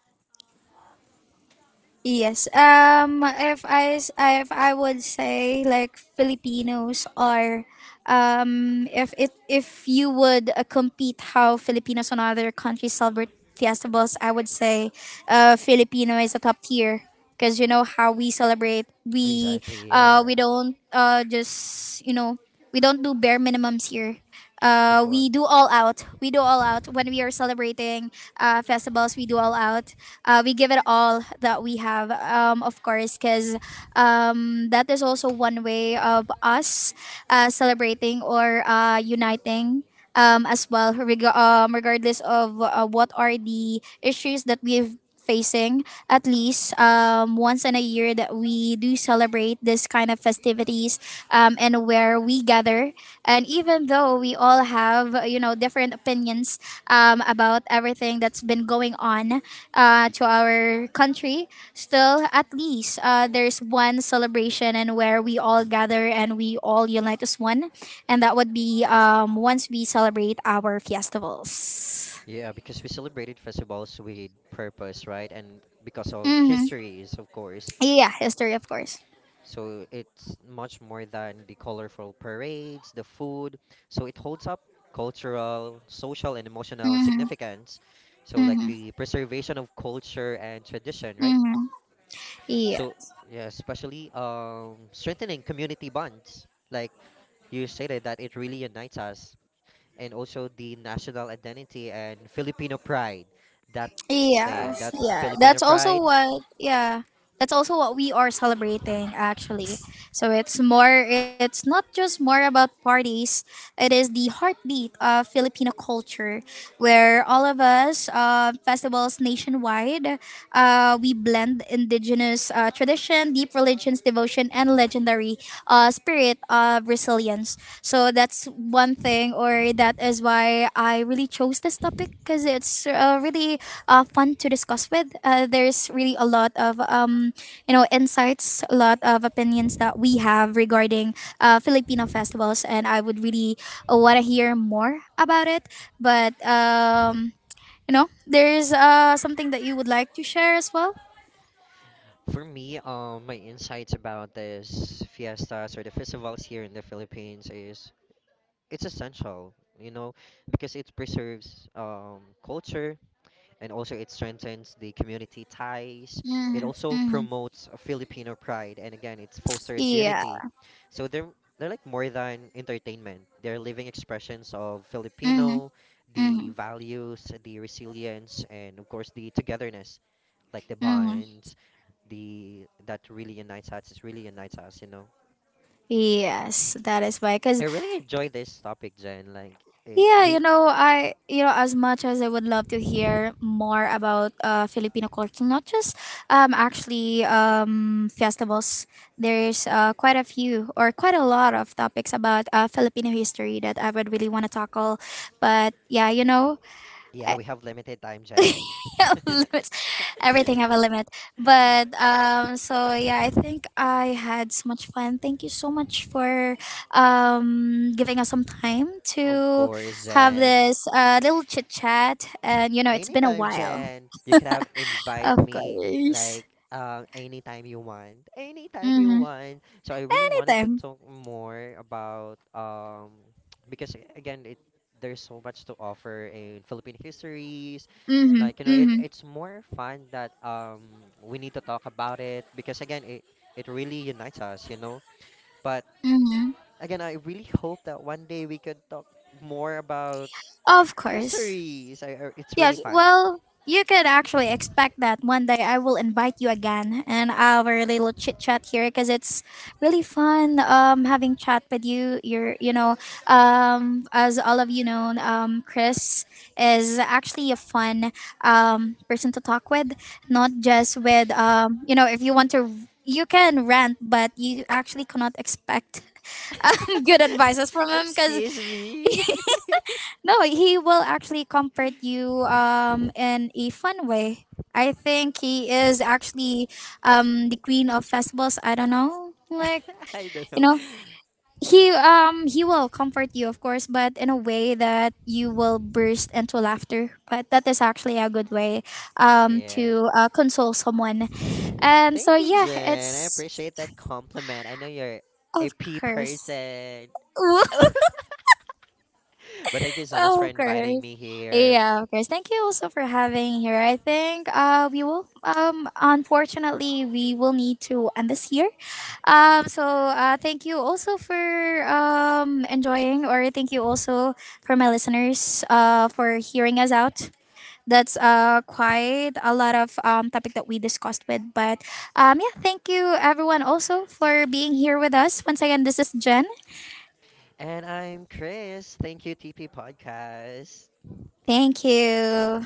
S1: Yes. If I would say like Filipinos are if you would compete how Filipinos on other countries celebrate festivals, I would say Filipino is a top tier because you know how we celebrate. We
S2: Exactly,
S1: uh
S2: yeah.
S1: we don't just we don't do bare minimums here.
S2: Of
S1: We do
S2: course.
S1: all out. We do all out when we are celebrating festivals. We do all out. We give it all that we have, of course, because that is also one way of us celebrating or uniting. As well, regardless of what are the issues that we've facing, at least once in a year that we do celebrate this kind of festivities and where we gather. And even though we all have, different opinions about everything that's been going on, to our country, still at least there's one celebration and where we all gather and we all unite as one, and that would be once we celebrate our festivals.
S2: Yeah, because we celebrated festivals with purpose, right? And because of
S1: Mm-hmm.
S2: histories, of course.
S1: Yeah, history of course.
S2: So it's much more than the colorful parades, the food. So it holds up cultural, social, and emotional
S1: Mm-hmm.
S2: significance. So like
S1: Mm-hmm.
S2: the preservation of culture and tradition, right?
S1: Mm-hmm. Yeah.
S2: So yeah, especially strengthening community bonds. Like you stated that it really unites us, and also the national identity and Filipino pride. That thing,
S1: Yes,
S2: that
S1: yeah.
S2: Filipino
S1: That's also
S2: pride.
S1: what yeah. That's also what we are celebrating actually. So it's not just more about parties. It is the heartbeat of Filipino culture where all of us festivals nationwide we blend indigenous tradition, deep religions, devotion and legendary spirit of resilience. So that's one thing, or that is why I really chose this topic because it's really fun to discuss with. There's really a lot of insights, a lot of opinions that we have regarding Filipino festivals, and I would really want to hear more about it. But there's something that you would like to share as well.
S2: For me, my insights about this fiestas or the festivals here in the Philippines is it's essential, you know, because it preserves culture, and also it strengthens the community ties. It
S1: Mm-hmm,
S2: also
S1: mm-hmm.
S2: promotes a Filipino pride, and again, it fosters
S1: Yeah.
S2: unity. So they're like more than entertainment. They're living expressions of
S1: Mm-hmm,
S2: Filipino, the
S1: mm-hmm,
S2: values, the resilience, and of course the togetherness, like the
S1: mm-hmm.
S2: bonds, the that really unites us. It really unites us, you know.
S1: Yes, that is why. Because.
S2: I really enjoy this topic, Jen. Like eh,
S1: Yeah, you
S2: we,
S1: know, as much as I would love to hear more about Filipino culture, not just actually festivals. There's quite a few or quite a lot of topics about Filipino history that I would really want to tackle. But yeah,
S2: yeah, we have limited time, Jen.
S1: [LAUGHS] limits.
S2: [LAUGHS]
S1: Everything have a limit. But so yeah, I think I had so much fun. Thank you so much for giving us some time
S2: Of
S1: to
S2: course,
S1: have
S2: Jen.
S1: this little chit chat, and you know it's been a
S2: Anytime,
S1: while.
S2: Jen. You can have invite
S1: Of
S2: me
S1: course.
S2: like anytime you want. Anytime you
S1: Mhm.
S2: want. So I really wanted to
S1: Anytime.
S2: talk more about [TSK] because again it there's so much to offer in Philippine histories.
S1: Mhm.
S2: Like, you know,
S1: Mhm.
S2: it's more fun that we need to talk about it because again, it really unites us, you know. But.
S1: Mhm.
S2: Again, I really hope that one day we could talk more about
S1: Of course.
S2: histories. I- it's really
S1: Yes,
S2: fun.
S1: well, you could actually expect that one day I will invite you again and our little chit chat here because it's really fun having chat with you. You're you know as all of you know, Chris is actually a fun person to talk with, not just with if you want to you can rant, but you actually cannot expect [LAUGHS] good advices from
S2: [LAUGHS]
S1: him because
S2: Excuse me.
S1: no, he will actually comfort you in a fun way. I think he is actually the queen of festivals. I don't know, like
S2: [LAUGHS] I don't
S1: you
S2: know.
S1: know, he will comfort you, of course, but in a way that you will burst into laughter. But that is actually a good way
S2: Yeah.
S1: to console someone. And so
S2: Thank you,
S1: yeah,
S2: Jen. I
S1: it's
S2: appreciate that compliment. I know you're a
S1: of
S2: P
S1: course.
S2: person.
S1: [LAUGHS]
S2: [LAUGHS] But thank you so much for
S1: Oh, of
S2: inviting
S1: course.
S2: me here.
S1: Yeah, of course. Thank you also for having here. I think we will unfortunately we will need to end this here. So thank you also for enjoying, or thank you also for my listeners for hearing us out. That's quite a lot of topic that we discussed with, but yeah, thank you everyone also for being here with us. Once again, this is Jen.
S2: And I'm Chris. Thank you, TP Podcast.
S1: Thank you.